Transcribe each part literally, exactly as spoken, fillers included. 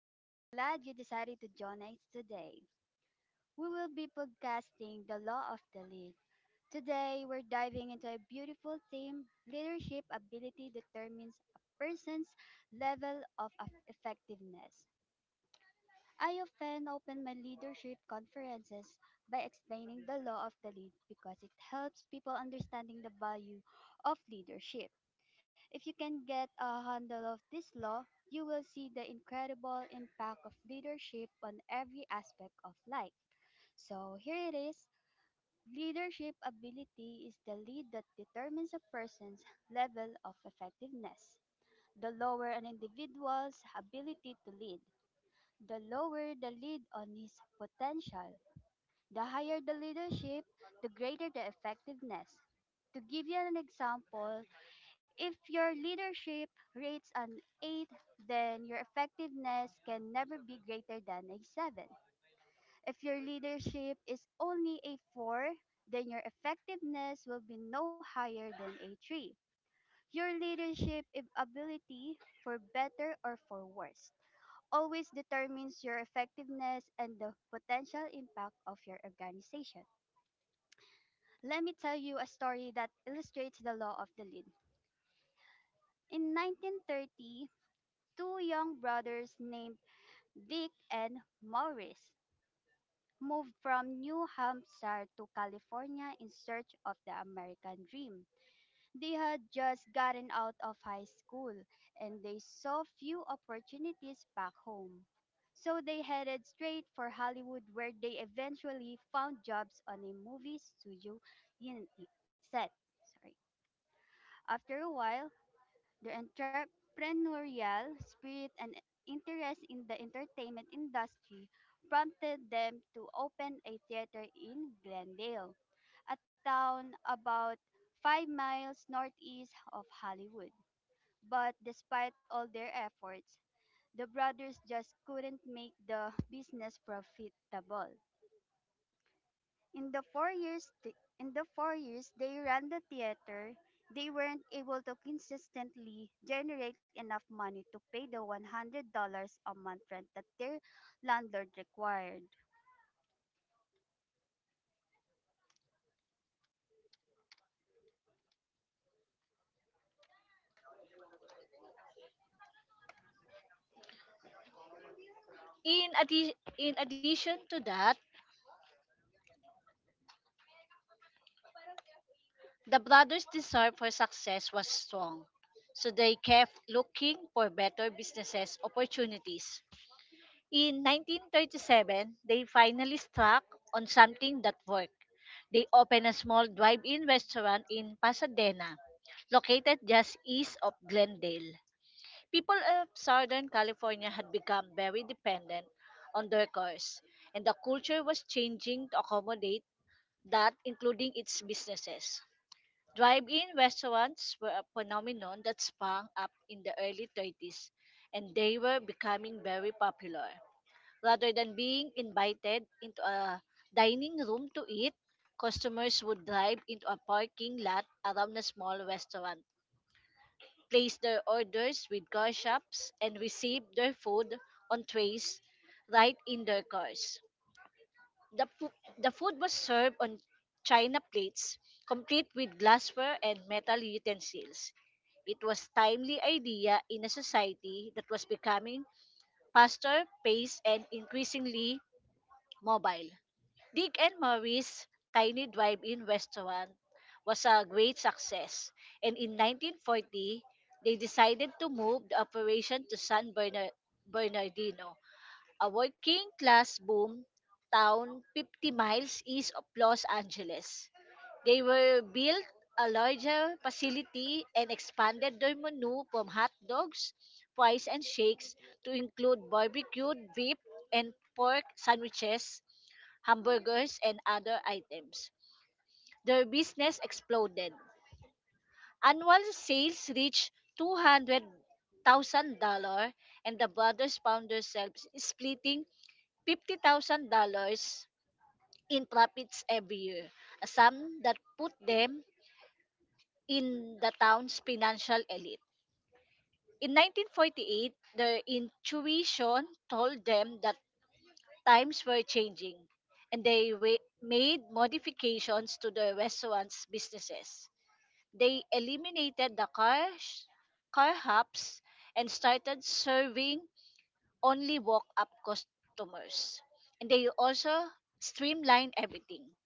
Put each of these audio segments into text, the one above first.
and I'm so glad you decided to join us today. We will be podcasting The Law of the Lead. Today, we're diving into a beautiful theme: leadership ability determines a person's level of eff- effectiveness. I often open my leadership conferences by explaining the law of the lead because it helps people understanding the value of leadership. If you can get a handle of this law, you will see the incredible impact of leadership on every aspect of life. So here it is. Leadership ability is the lead that determines a person's level of effectiveness. The lower an individual's ability to lead, the lower the lead on his potential. The higher the leadership, the greater the effectiveness. To give you an example, if your leadership rates an eight, then your effectiveness can never be greater than a seven. If your leadership is only a four, then your effectiveness will be no higher than a three. Your leadership ab- ability, for better or for worse, always determines your effectiveness and the potential impact of your organization. Let me tell you a story that illustrates the law of the lead. In nineteen thirty, two young brothers named Vic and Maurice moved from New Hampshire to California in search of the American dream. They had just gotten out of high school, and they saw few opportunities back home. So they headed straight for Hollywood, where they eventually found jobs on a movie studio unit set. Sorry. After a while, their entrepreneurial spirit and interest in the entertainment industry prompted them to open a theater in Glendale, a town about five miles northeast of Hollywood. But despite all their efforts, the brothers just couldn't make the business profitable. In the four years th- in the four years they ran the theater, they weren't able to consistently generate enough money to pay the one hundred dollars a month rent that their landlord required. In, addi- in addition to that, the brothers' desire for success was strong, so they kept looking for better businesses opportunities. In nineteen thirty-seven, they finally struck on something that worked. They opened a small drive-in restaurant in Pasadena, located just east of Glendale. People of Southern California had become very dependent on their cars, and the culture was changing to accommodate that, including its businesses. Drive-in restaurants were a phenomenon that sprang up in the early thirties, and they were becoming very popular. Rather than being invited into a dining room to eat, customers would drive into a parking lot around a small restaurant, place their orders with car shops, and receive their food on trays right in their cars. The, fu- the food was served on china plates, complete with glassware and metal utensils. It was timely idea in a society that was becoming faster paced and increasingly mobile. Dick and Morris tiny drive-in restaurant was a great success, and in nineteen forty they decided to move the operation to San Berna- Bernardino, a working class boom town fifty miles east of Los Angeles. They were built a larger facility and expanded their menu from hot dogs, fries, and shakes to include barbecued beef and pork sandwiches, hamburgers, and other items. Their business exploded. Annual sales reached two hundred thousand dollars, and the brothers found themselves splitting fifty thousand dollars in profits every year, a sum that put them in the town's financial elite. In nineteen forty-eight, their intuition told them that times were changing, and they wa- made modifications to the restaurants' businesses. They eliminated the car, sh- car hops and started serving only walk-up customers. And they also streamlined everything.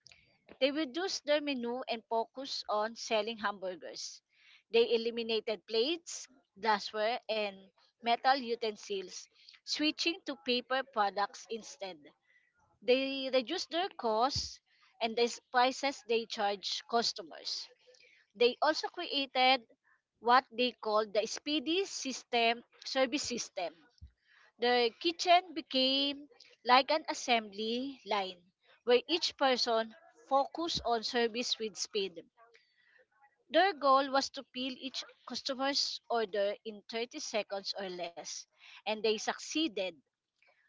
They reduced their menu and focused on selling hamburgers. They eliminated plates, glassware, and metal utensils, switching to paper products instead. They reduced their costs and the prices they charge customers. They also created what they called the Speedy System Service System. The kitchen became like an assembly line where each person focused on service with speed. Their goal was to fill each customer's order in thirty seconds or less, and they succeeded.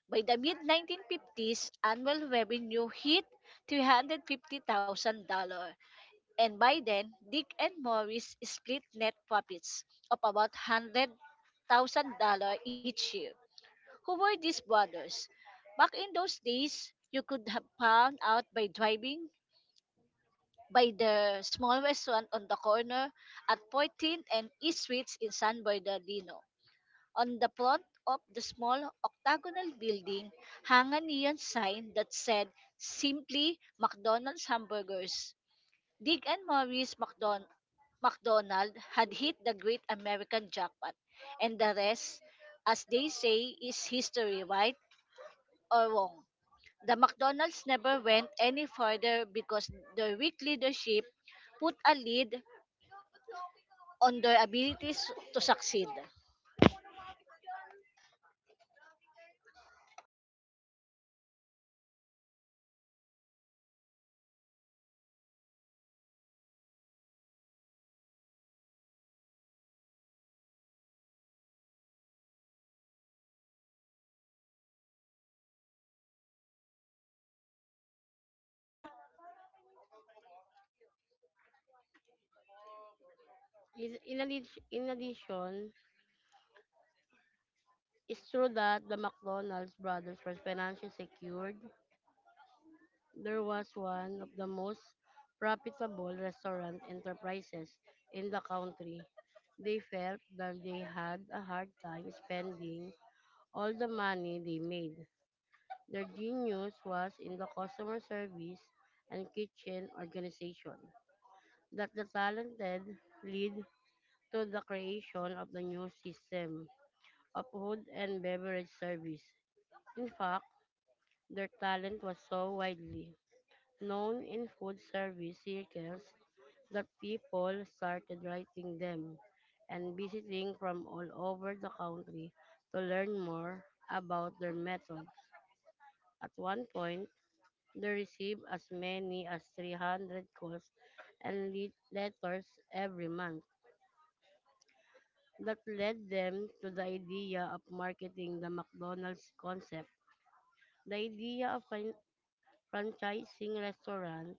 By the mid nineteen fifties, annual revenue hit three hundred fifty thousand dollars and by then, Dick and Morris split net profits of about one hundred thousand dollars each year. Who were these brothers? Back in those days, you could have found out by driving by the small restaurant on the corner at fourteenth and East Streets in San Bernardino. On the front of the small octagonal building hung a neon sign that said simply McDonald's Hamburgers. Dick and Maurice McDon- McDonald had hit the great American jackpot, and the rest, as they say, is history, right or wrong? The McDonald's never went any further because their weak leadership put a lid on their abilities to succeed. Is- In addi- in addition, it's true that the McDonald's brothers were financially secured. There was one of the most profitable restaurant enterprises in the country. They felt that they had a hard time spending all the money they made. Their genius was in the customer service and kitchen organization that the talented lead to the creation of the new system of food and beverage service. In fact, their talent was so widely known in food service circles that people started writing them and visiting from all over the country to learn more about their methods. At one point, they received as many as three hundred calls and le- letters every month. That led them to the idea of marketing the McDonald's concept. The idea of fin- Franchising restaurant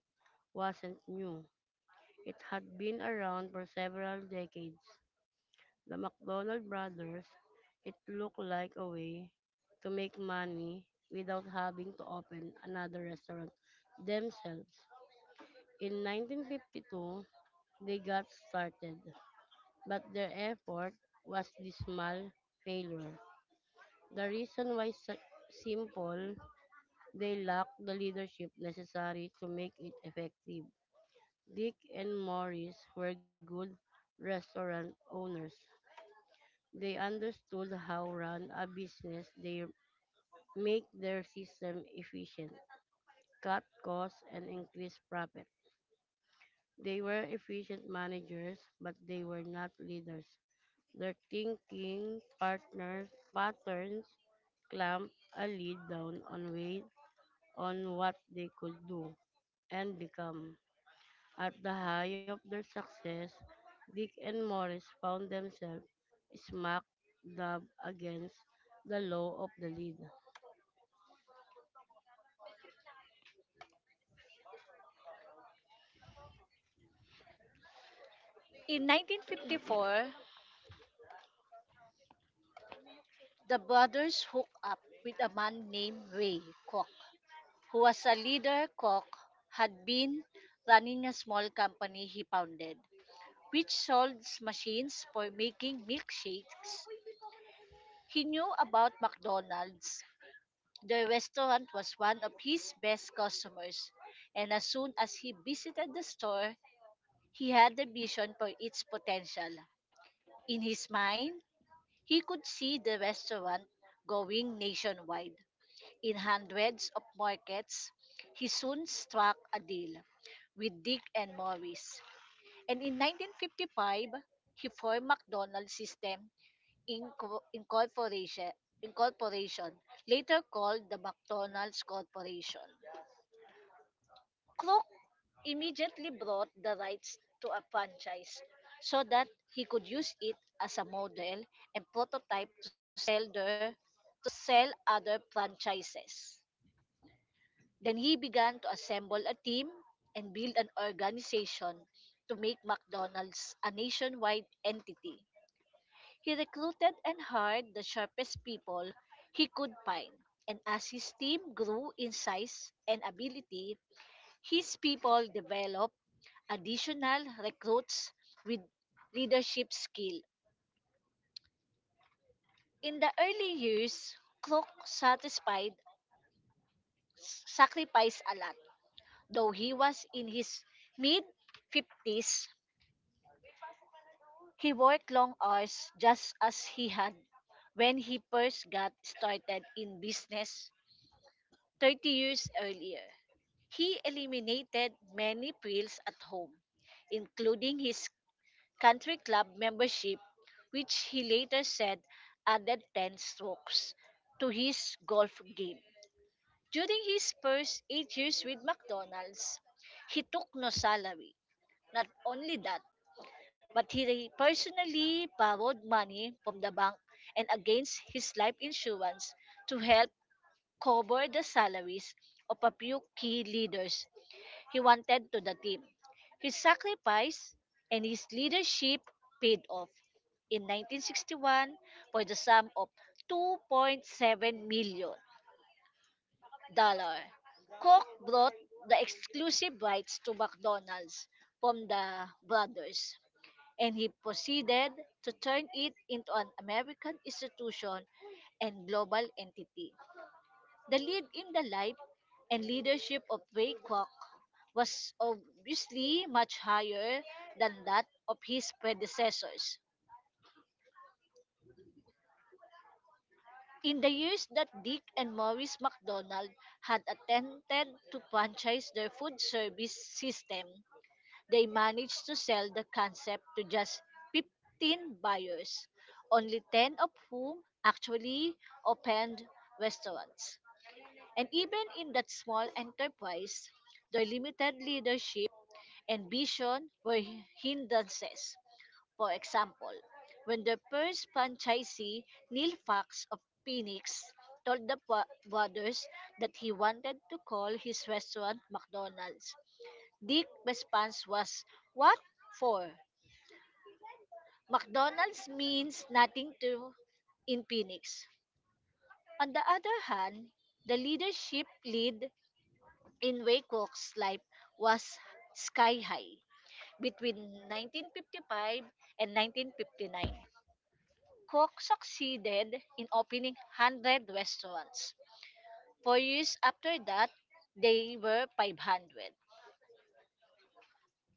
wasn't new. It had been around for several decades. The McDonald brothers, it looked like a way to make money without having to open another restaurant themselves. In nineteen fifty-two, they got started, but their effort was dismal failure. The reason why s- simple, they lacked the leadership necessary to make it effective. Dick and Maurice were good restaurant owners. They understood how run a business. They make their system efficient, cut costs, and increase profit. They were efficient managers, but they were not leaders. Their thinking, partners, patterns clamped a lead down on weight on what they could do and become. At the height of their success, Dick and Morris found themselves smack dab against the law of the land. In nineteen fifty-four, the brothers hooked up with a man named Ray Kroc, who was a leader. Kroc had been running a small company he founded, which sold machines for making milkshakes. He knew about McDonald's. The restaurant was one of his best customers, and as soon as he visited the store, he had the vision for its potential. In his mind, he could see the restaurant going nationwide in hundreds of markets. He soon struck a deal with Dick and Morris, and in nineteen fifty-five, he formed McDonald's System Inco- Incorporation, Incorporation, later called the McDonald's Corporation. Crook immediately brought the rights to a franchise so that he could use it as a model and prototype to sell, their, sell other franchises. Then he began to assemble a team and build an organization to make McDonald's a nationwide entity. He recruited and hired the sharpest people he could find, and as his team grew in size and ability, his people developed additional recruits with leadership skill. In the early years, Crook satisfied, sacrificed a lot. Though he was in his mid fifties, he worked long hours just as he had when he first got started in business thirty years earlier. He eliminated many pills at home, including his country club membership, which he later said added ten strokes to his golf game. During his first eight years with McDonald's, he took no salary. Not only that, but he personally borrowed money from the bank and against his life insurance to help cover the salaries of a few key leaders he wanted to the team. His sacrifice and his leadership paid off. In nineteen sixty-one, for the sum of two point seven million dollars, Koch bought the exclusive rights to McDonald's from the brothers, and he proceeded to turn it into an American institution and global entity. The lead in the life and leadership of Wei Kwok was obviously much higher than that of his predecessors. In the years that Dick and Maurice MacDonald had attempted to franchise their food service system, they managed to sell the concept to just fifteen buyers, only ten of whom actually opened restaurants. And even in that small enterprise, their limited leadership and vision were hindrances. For example, when their first franchisee, Neil Fox of Phoenix, told the bro- brothers that he wanted to call his restaurant McDonald's, Dick's response was, "What for? McDonald's means nothing to in Phoenix." On the other hand, the leadership lead in Wakewalk's life was sky high. Between nineteen fifty-five and nineteen fifty-nine, Kwok succeeded in opening one hundred restaurants. Four years after that, they were five hundred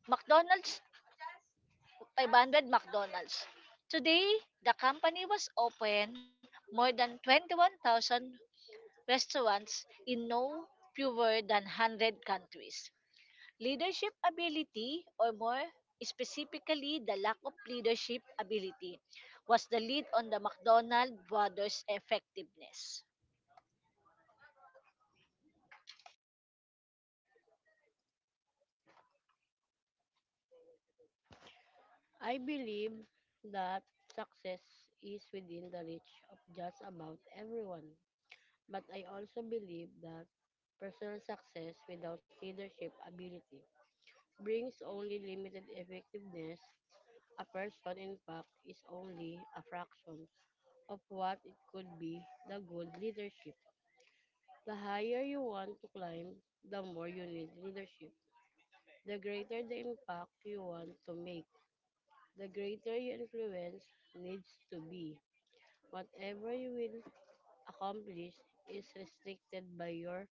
McDonald's, five hundred McDonald's. Today, the company was open more than twenty-one thousand restaurants in no fewer than one hundred countries. Leadership ability, or more specifically, the lack of leadership ability, was the lead on the McDonald brothers' effectiveness. I believe that success is within the reach of just about everyone, but I also believe that personal success without leadership ability brings only limited effectiveness. A person, in fact, is only a fraction of what it could be the good leadership. The higher you want to climb, the more you need leadership. The greater the impact you want to make, the greater your influence needs to be. Whatever you will accomplish is restricted by your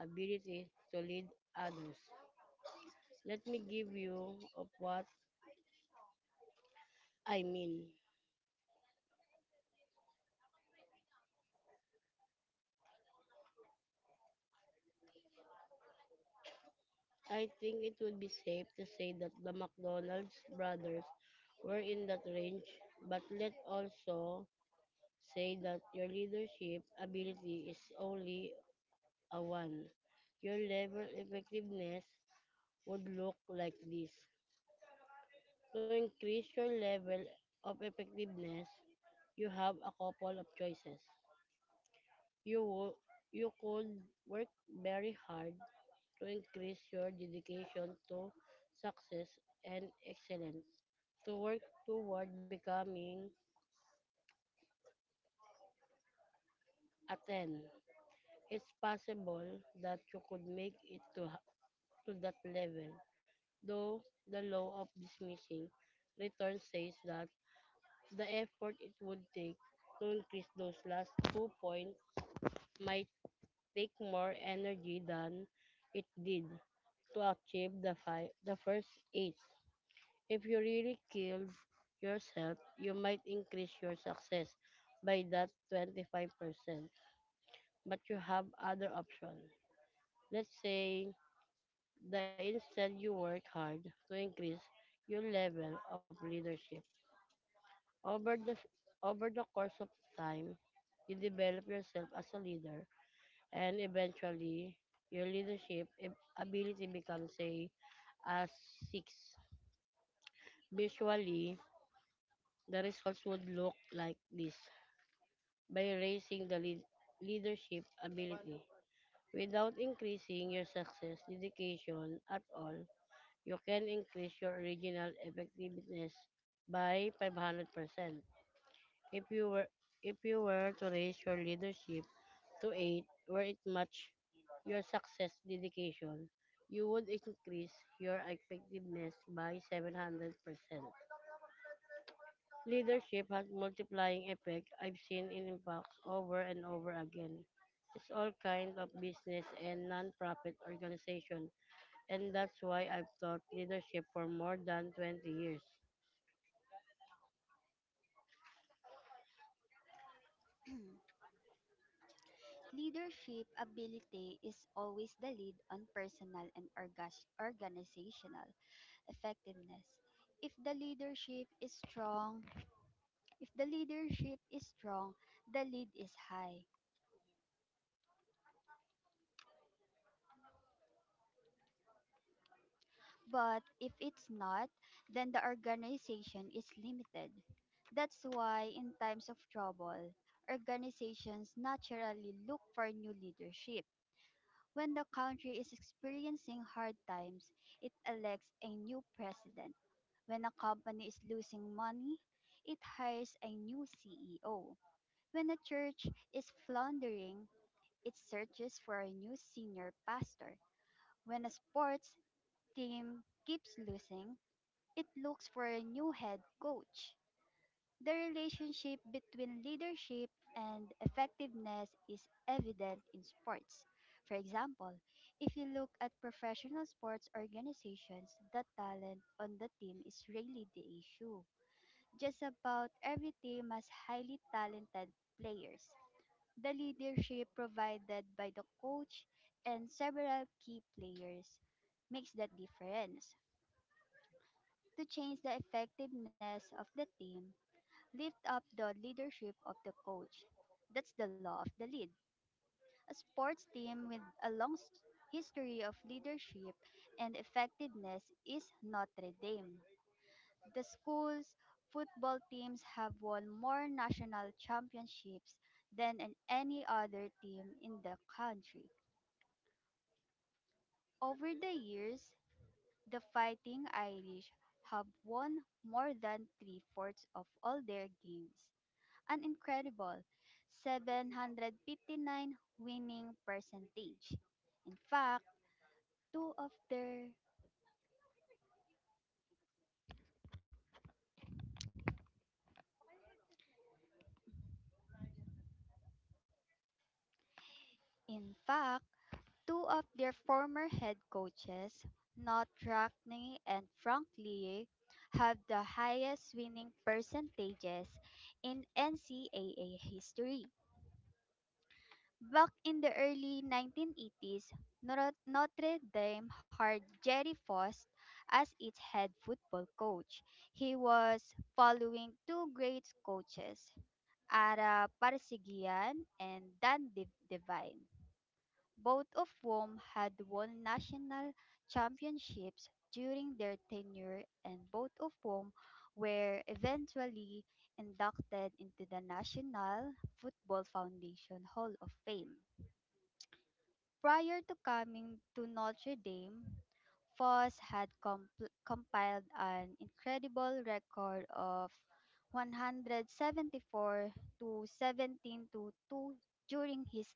ability to lead others. Let me give you of what I mean. I think it would be safe to say that the McDonald's brothers were in that range, but let also say that your leadership ability is only a one. Your level effectiveness would look like this. To increase your level of effectiveness, you have a couple of choices. You wo- you could work very hard to increase your dedication to success and excellence. To work toward becoming a ten, it's possible that you could make it to ha- to that level though the law of diminishing returns says that the effort it would take to increase those last two points might take more energy than it did to achieve the five, the first eight. If you really killed yourself, you might increase your success by that twenty-five percent, but you have other options. Let's say that instead you work hard to increase your level of leadership. Over the over the course of time, you develop yourself as a leader, and eventually, your leadership ab- ability becomes a, a six. Visually, the results would look like this by raising the lead, leadership ability. Without increasing your success dedication at all, you can increase your original effectiveness by five hundred percent. If you were if you were to raise your leadership to eight where it match your success dedication, you would increase your effectiveness by seven hundred percent. Leadership has multiplying effect I've seen in impacts over and over again. It's all kind of business and non-profit organization and that's why I've taught leadership for more than twenty years. Leadership ability is always the lead on personal and orgas- organizational effectiveness. If the leadership is strong, if the leadership is strong, the lead is high. But if it's not, then the organization is limited. That's why, in times of trouble, organizations naturally look for new leadership. When the country is experiencing hard times, it elects a new president. When a company is losing money, it hires a new C E O. When a church is floundering, it searches for a new senior pastor. When a sports team keeps losing, it looks for a new head coach. The relationship between leadership and effectiveness is evident in sports. For example, if you look at professional sports organizations, the talent on the team is really the issue. Just about every team has highly talented players. The leadership provided by the coach and several key players makes the difference. To change the effectiveness of the team, lift up the leadership of the coach. That's the law of the lead. A sports team with a long s- history of leadership and effectiveness is Notre Dame. The school's football teams have won more national championships than an- any other team in the country. Over the years, the Fighting Irish have won more than three fourths of all their games, an incredible seven fifty-nine winning percentage. In fact, two of their in fact, two of their former head coaches, Not Rockney and Frank Lee, have the highest winning percentages in N C A A history. Back in the early nineteen eighties, Nor- Notre Dame hired Jerry Faust as its head football coach. He was following two great coaches, Ara Parsigian and Dan Div- Devine, both of whom had won national championships during their tenure and both of whom were eventually inducted into the National Football Foundation Hall of Fame. Prior to coming to Notre Dame, Foss had compl- compiled an incredible record of one hundred seventy-four to seventeen to two during his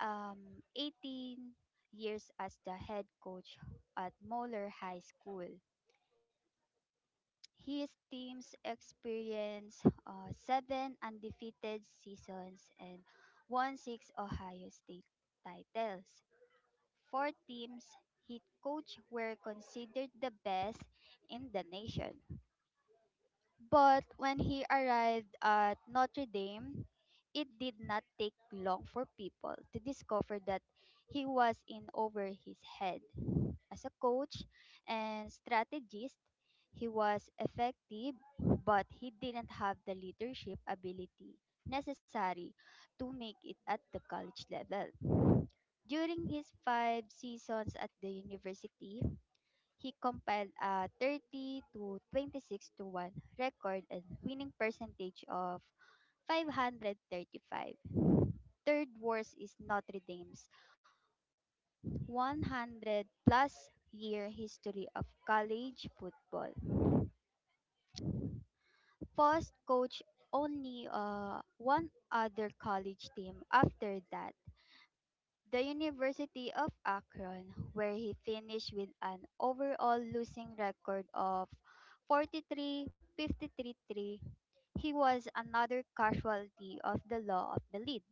um, eighteen years as the head coach at Moeller High School. His teams experienced uh, seven undefeated seasons and won six Ohio State titles. Four teams he coached were considered the best in the nation. But when he arrived at Notre Dame, it did not take long for people to discover that he was in over his head. As a coach and strategist, he was effective, but he didn't have the leadership ability necessary to make it at the college level. During his five seasons at the university, he compiled a thirty to twenty-six to one record and winning percentage of five thirty-five. Third worst is Notre Dame one hundred plus year history of college football. Post coached only uh, one other college team after that, the University of Akron, where he finished with an overall losing record of forty-three fifty-three three. He was another casualty of the law of the lead.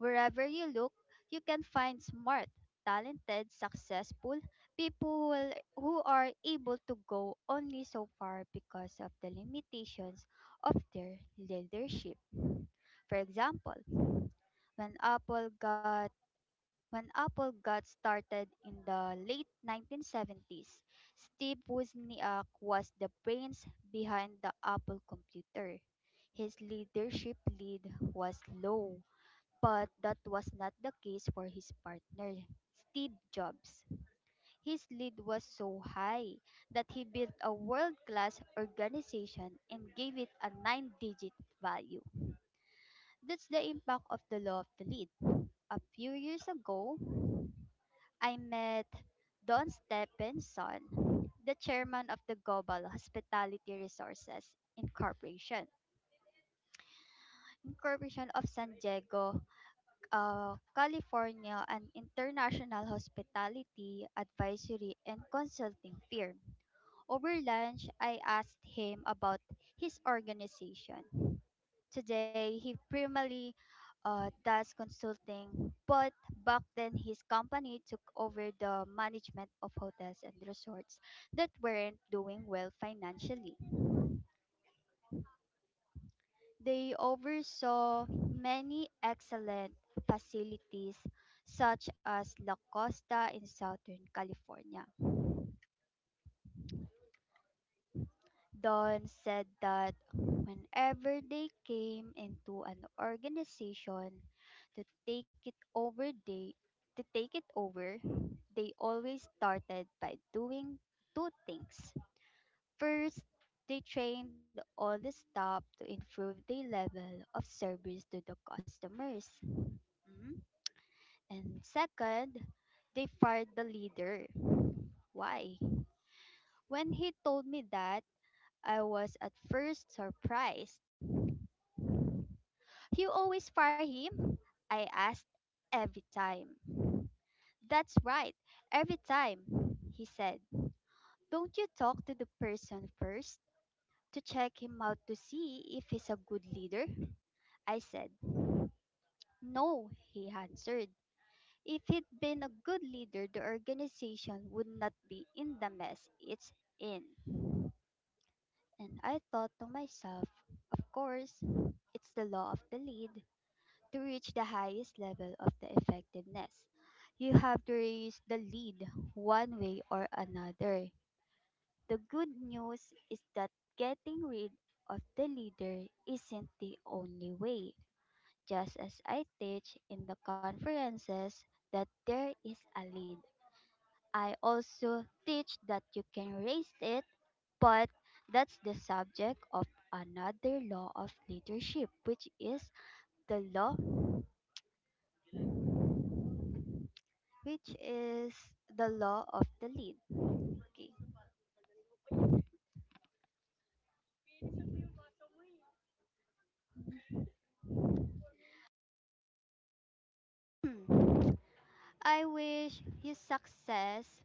Wherever you look, you can find smart, talented, successful people who, will, who are able to go only so far because of the limitations of their leadership. For example, when Apple got when Apple got started in the late nineteen seventies, Steve Wozniak was the brains behind the Apple computer. His leadership lead was low, but that was not the case for his partner, Steve Jobs. His lead was so high that he built a world class organization and gave it a nine digit value. That's the impact of the law of the lead. A few years ago, I met Don Stephenson, the chairman of the Global Hospitality Resources Incorporation, Incorporation of San Diego uh, California, an international hospitality advisory and consulting firm. Over lunch, I asked him about his organization. Today, he primarily uh, does consulting, but back then his company took over the management of hotels and resorts that weren't doing well financially. They oversaw many excellent facilities such as La Costa in Southern California. Don said that whenever they came into an organization to take it over they to take it over, they always started by doing two things. First, they trained all the staff to improve their level of service to the customers. And second, they fired the leader. Why? When he told me that, I was at first surprised. "You always fire him?" I asked. "Every time?" "That's right, every time," he said. "Don't you talk to the person first to check him out to see if he's a good leader?" I said. "No," he answered. "If he'd been a good leader, the organization would not be in the mess it's in." And I thought to myself, of course, it's the law of the lead. To reach the highest level of the effectiveness, you have to raise the lead one way or another. The good news is that getting rid of the leader isn't the only way. Just as I teach in the conferences that there is a lead, I also teach that you can raise it, but that's the subject of another law of leadership, which is the law, which is the law of the lead. Okay. Hmm. I wish you success,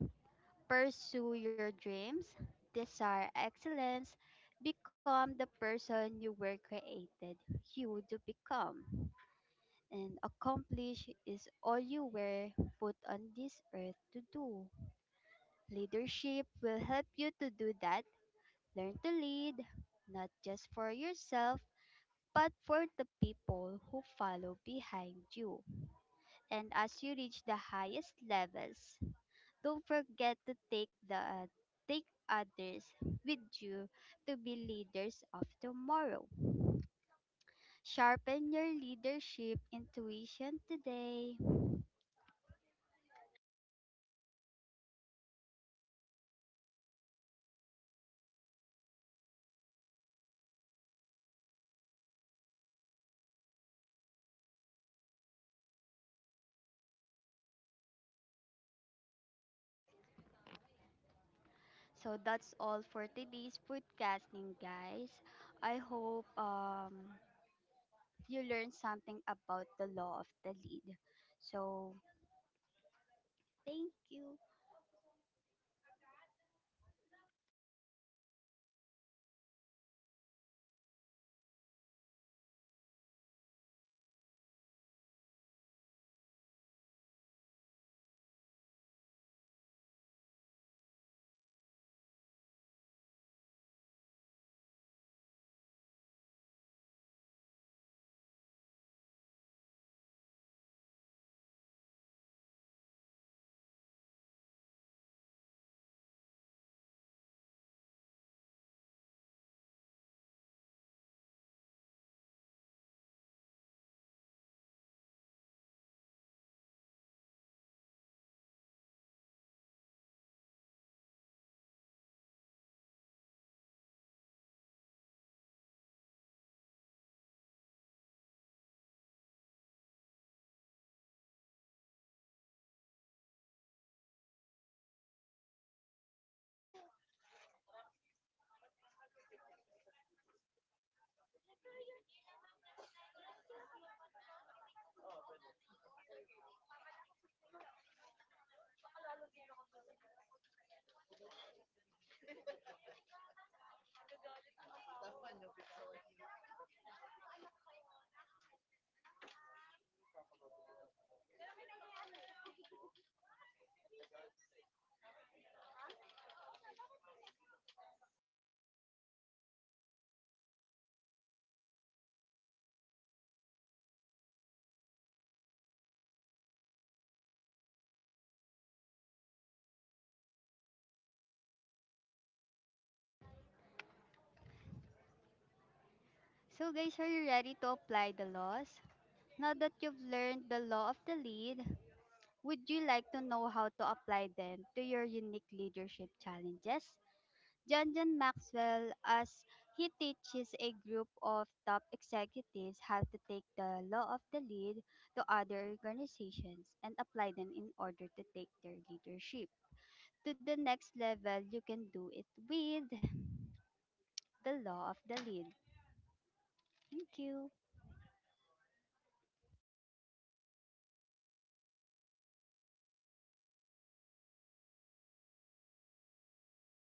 pursue your dreams, desire excellence, become the person you were created you to become, and accomplish is all you were put on this earth to do. Leadership will help you to do that. Learn to lead, not just for yourself, but for the people who follow behind you. And as you reach the highest levels, don't forget to take the take others with you to be leaders of tomorrow. Sharpen your leadership intuition today. So that's all for today's podcasting, guys. I hope um you learned something about the law of the lead. So, thank you. So, guys, are you ready to apply the laws? Now that you've learned the law of the lead, would you like to know how to apply them to your unique leadership challenges? John John Maxwell, as he teaches a group of top executives how to take the law of the lead to other organizations and apply them in order to take their leadership to the next level, you can do it with the law of the lead. Thank you.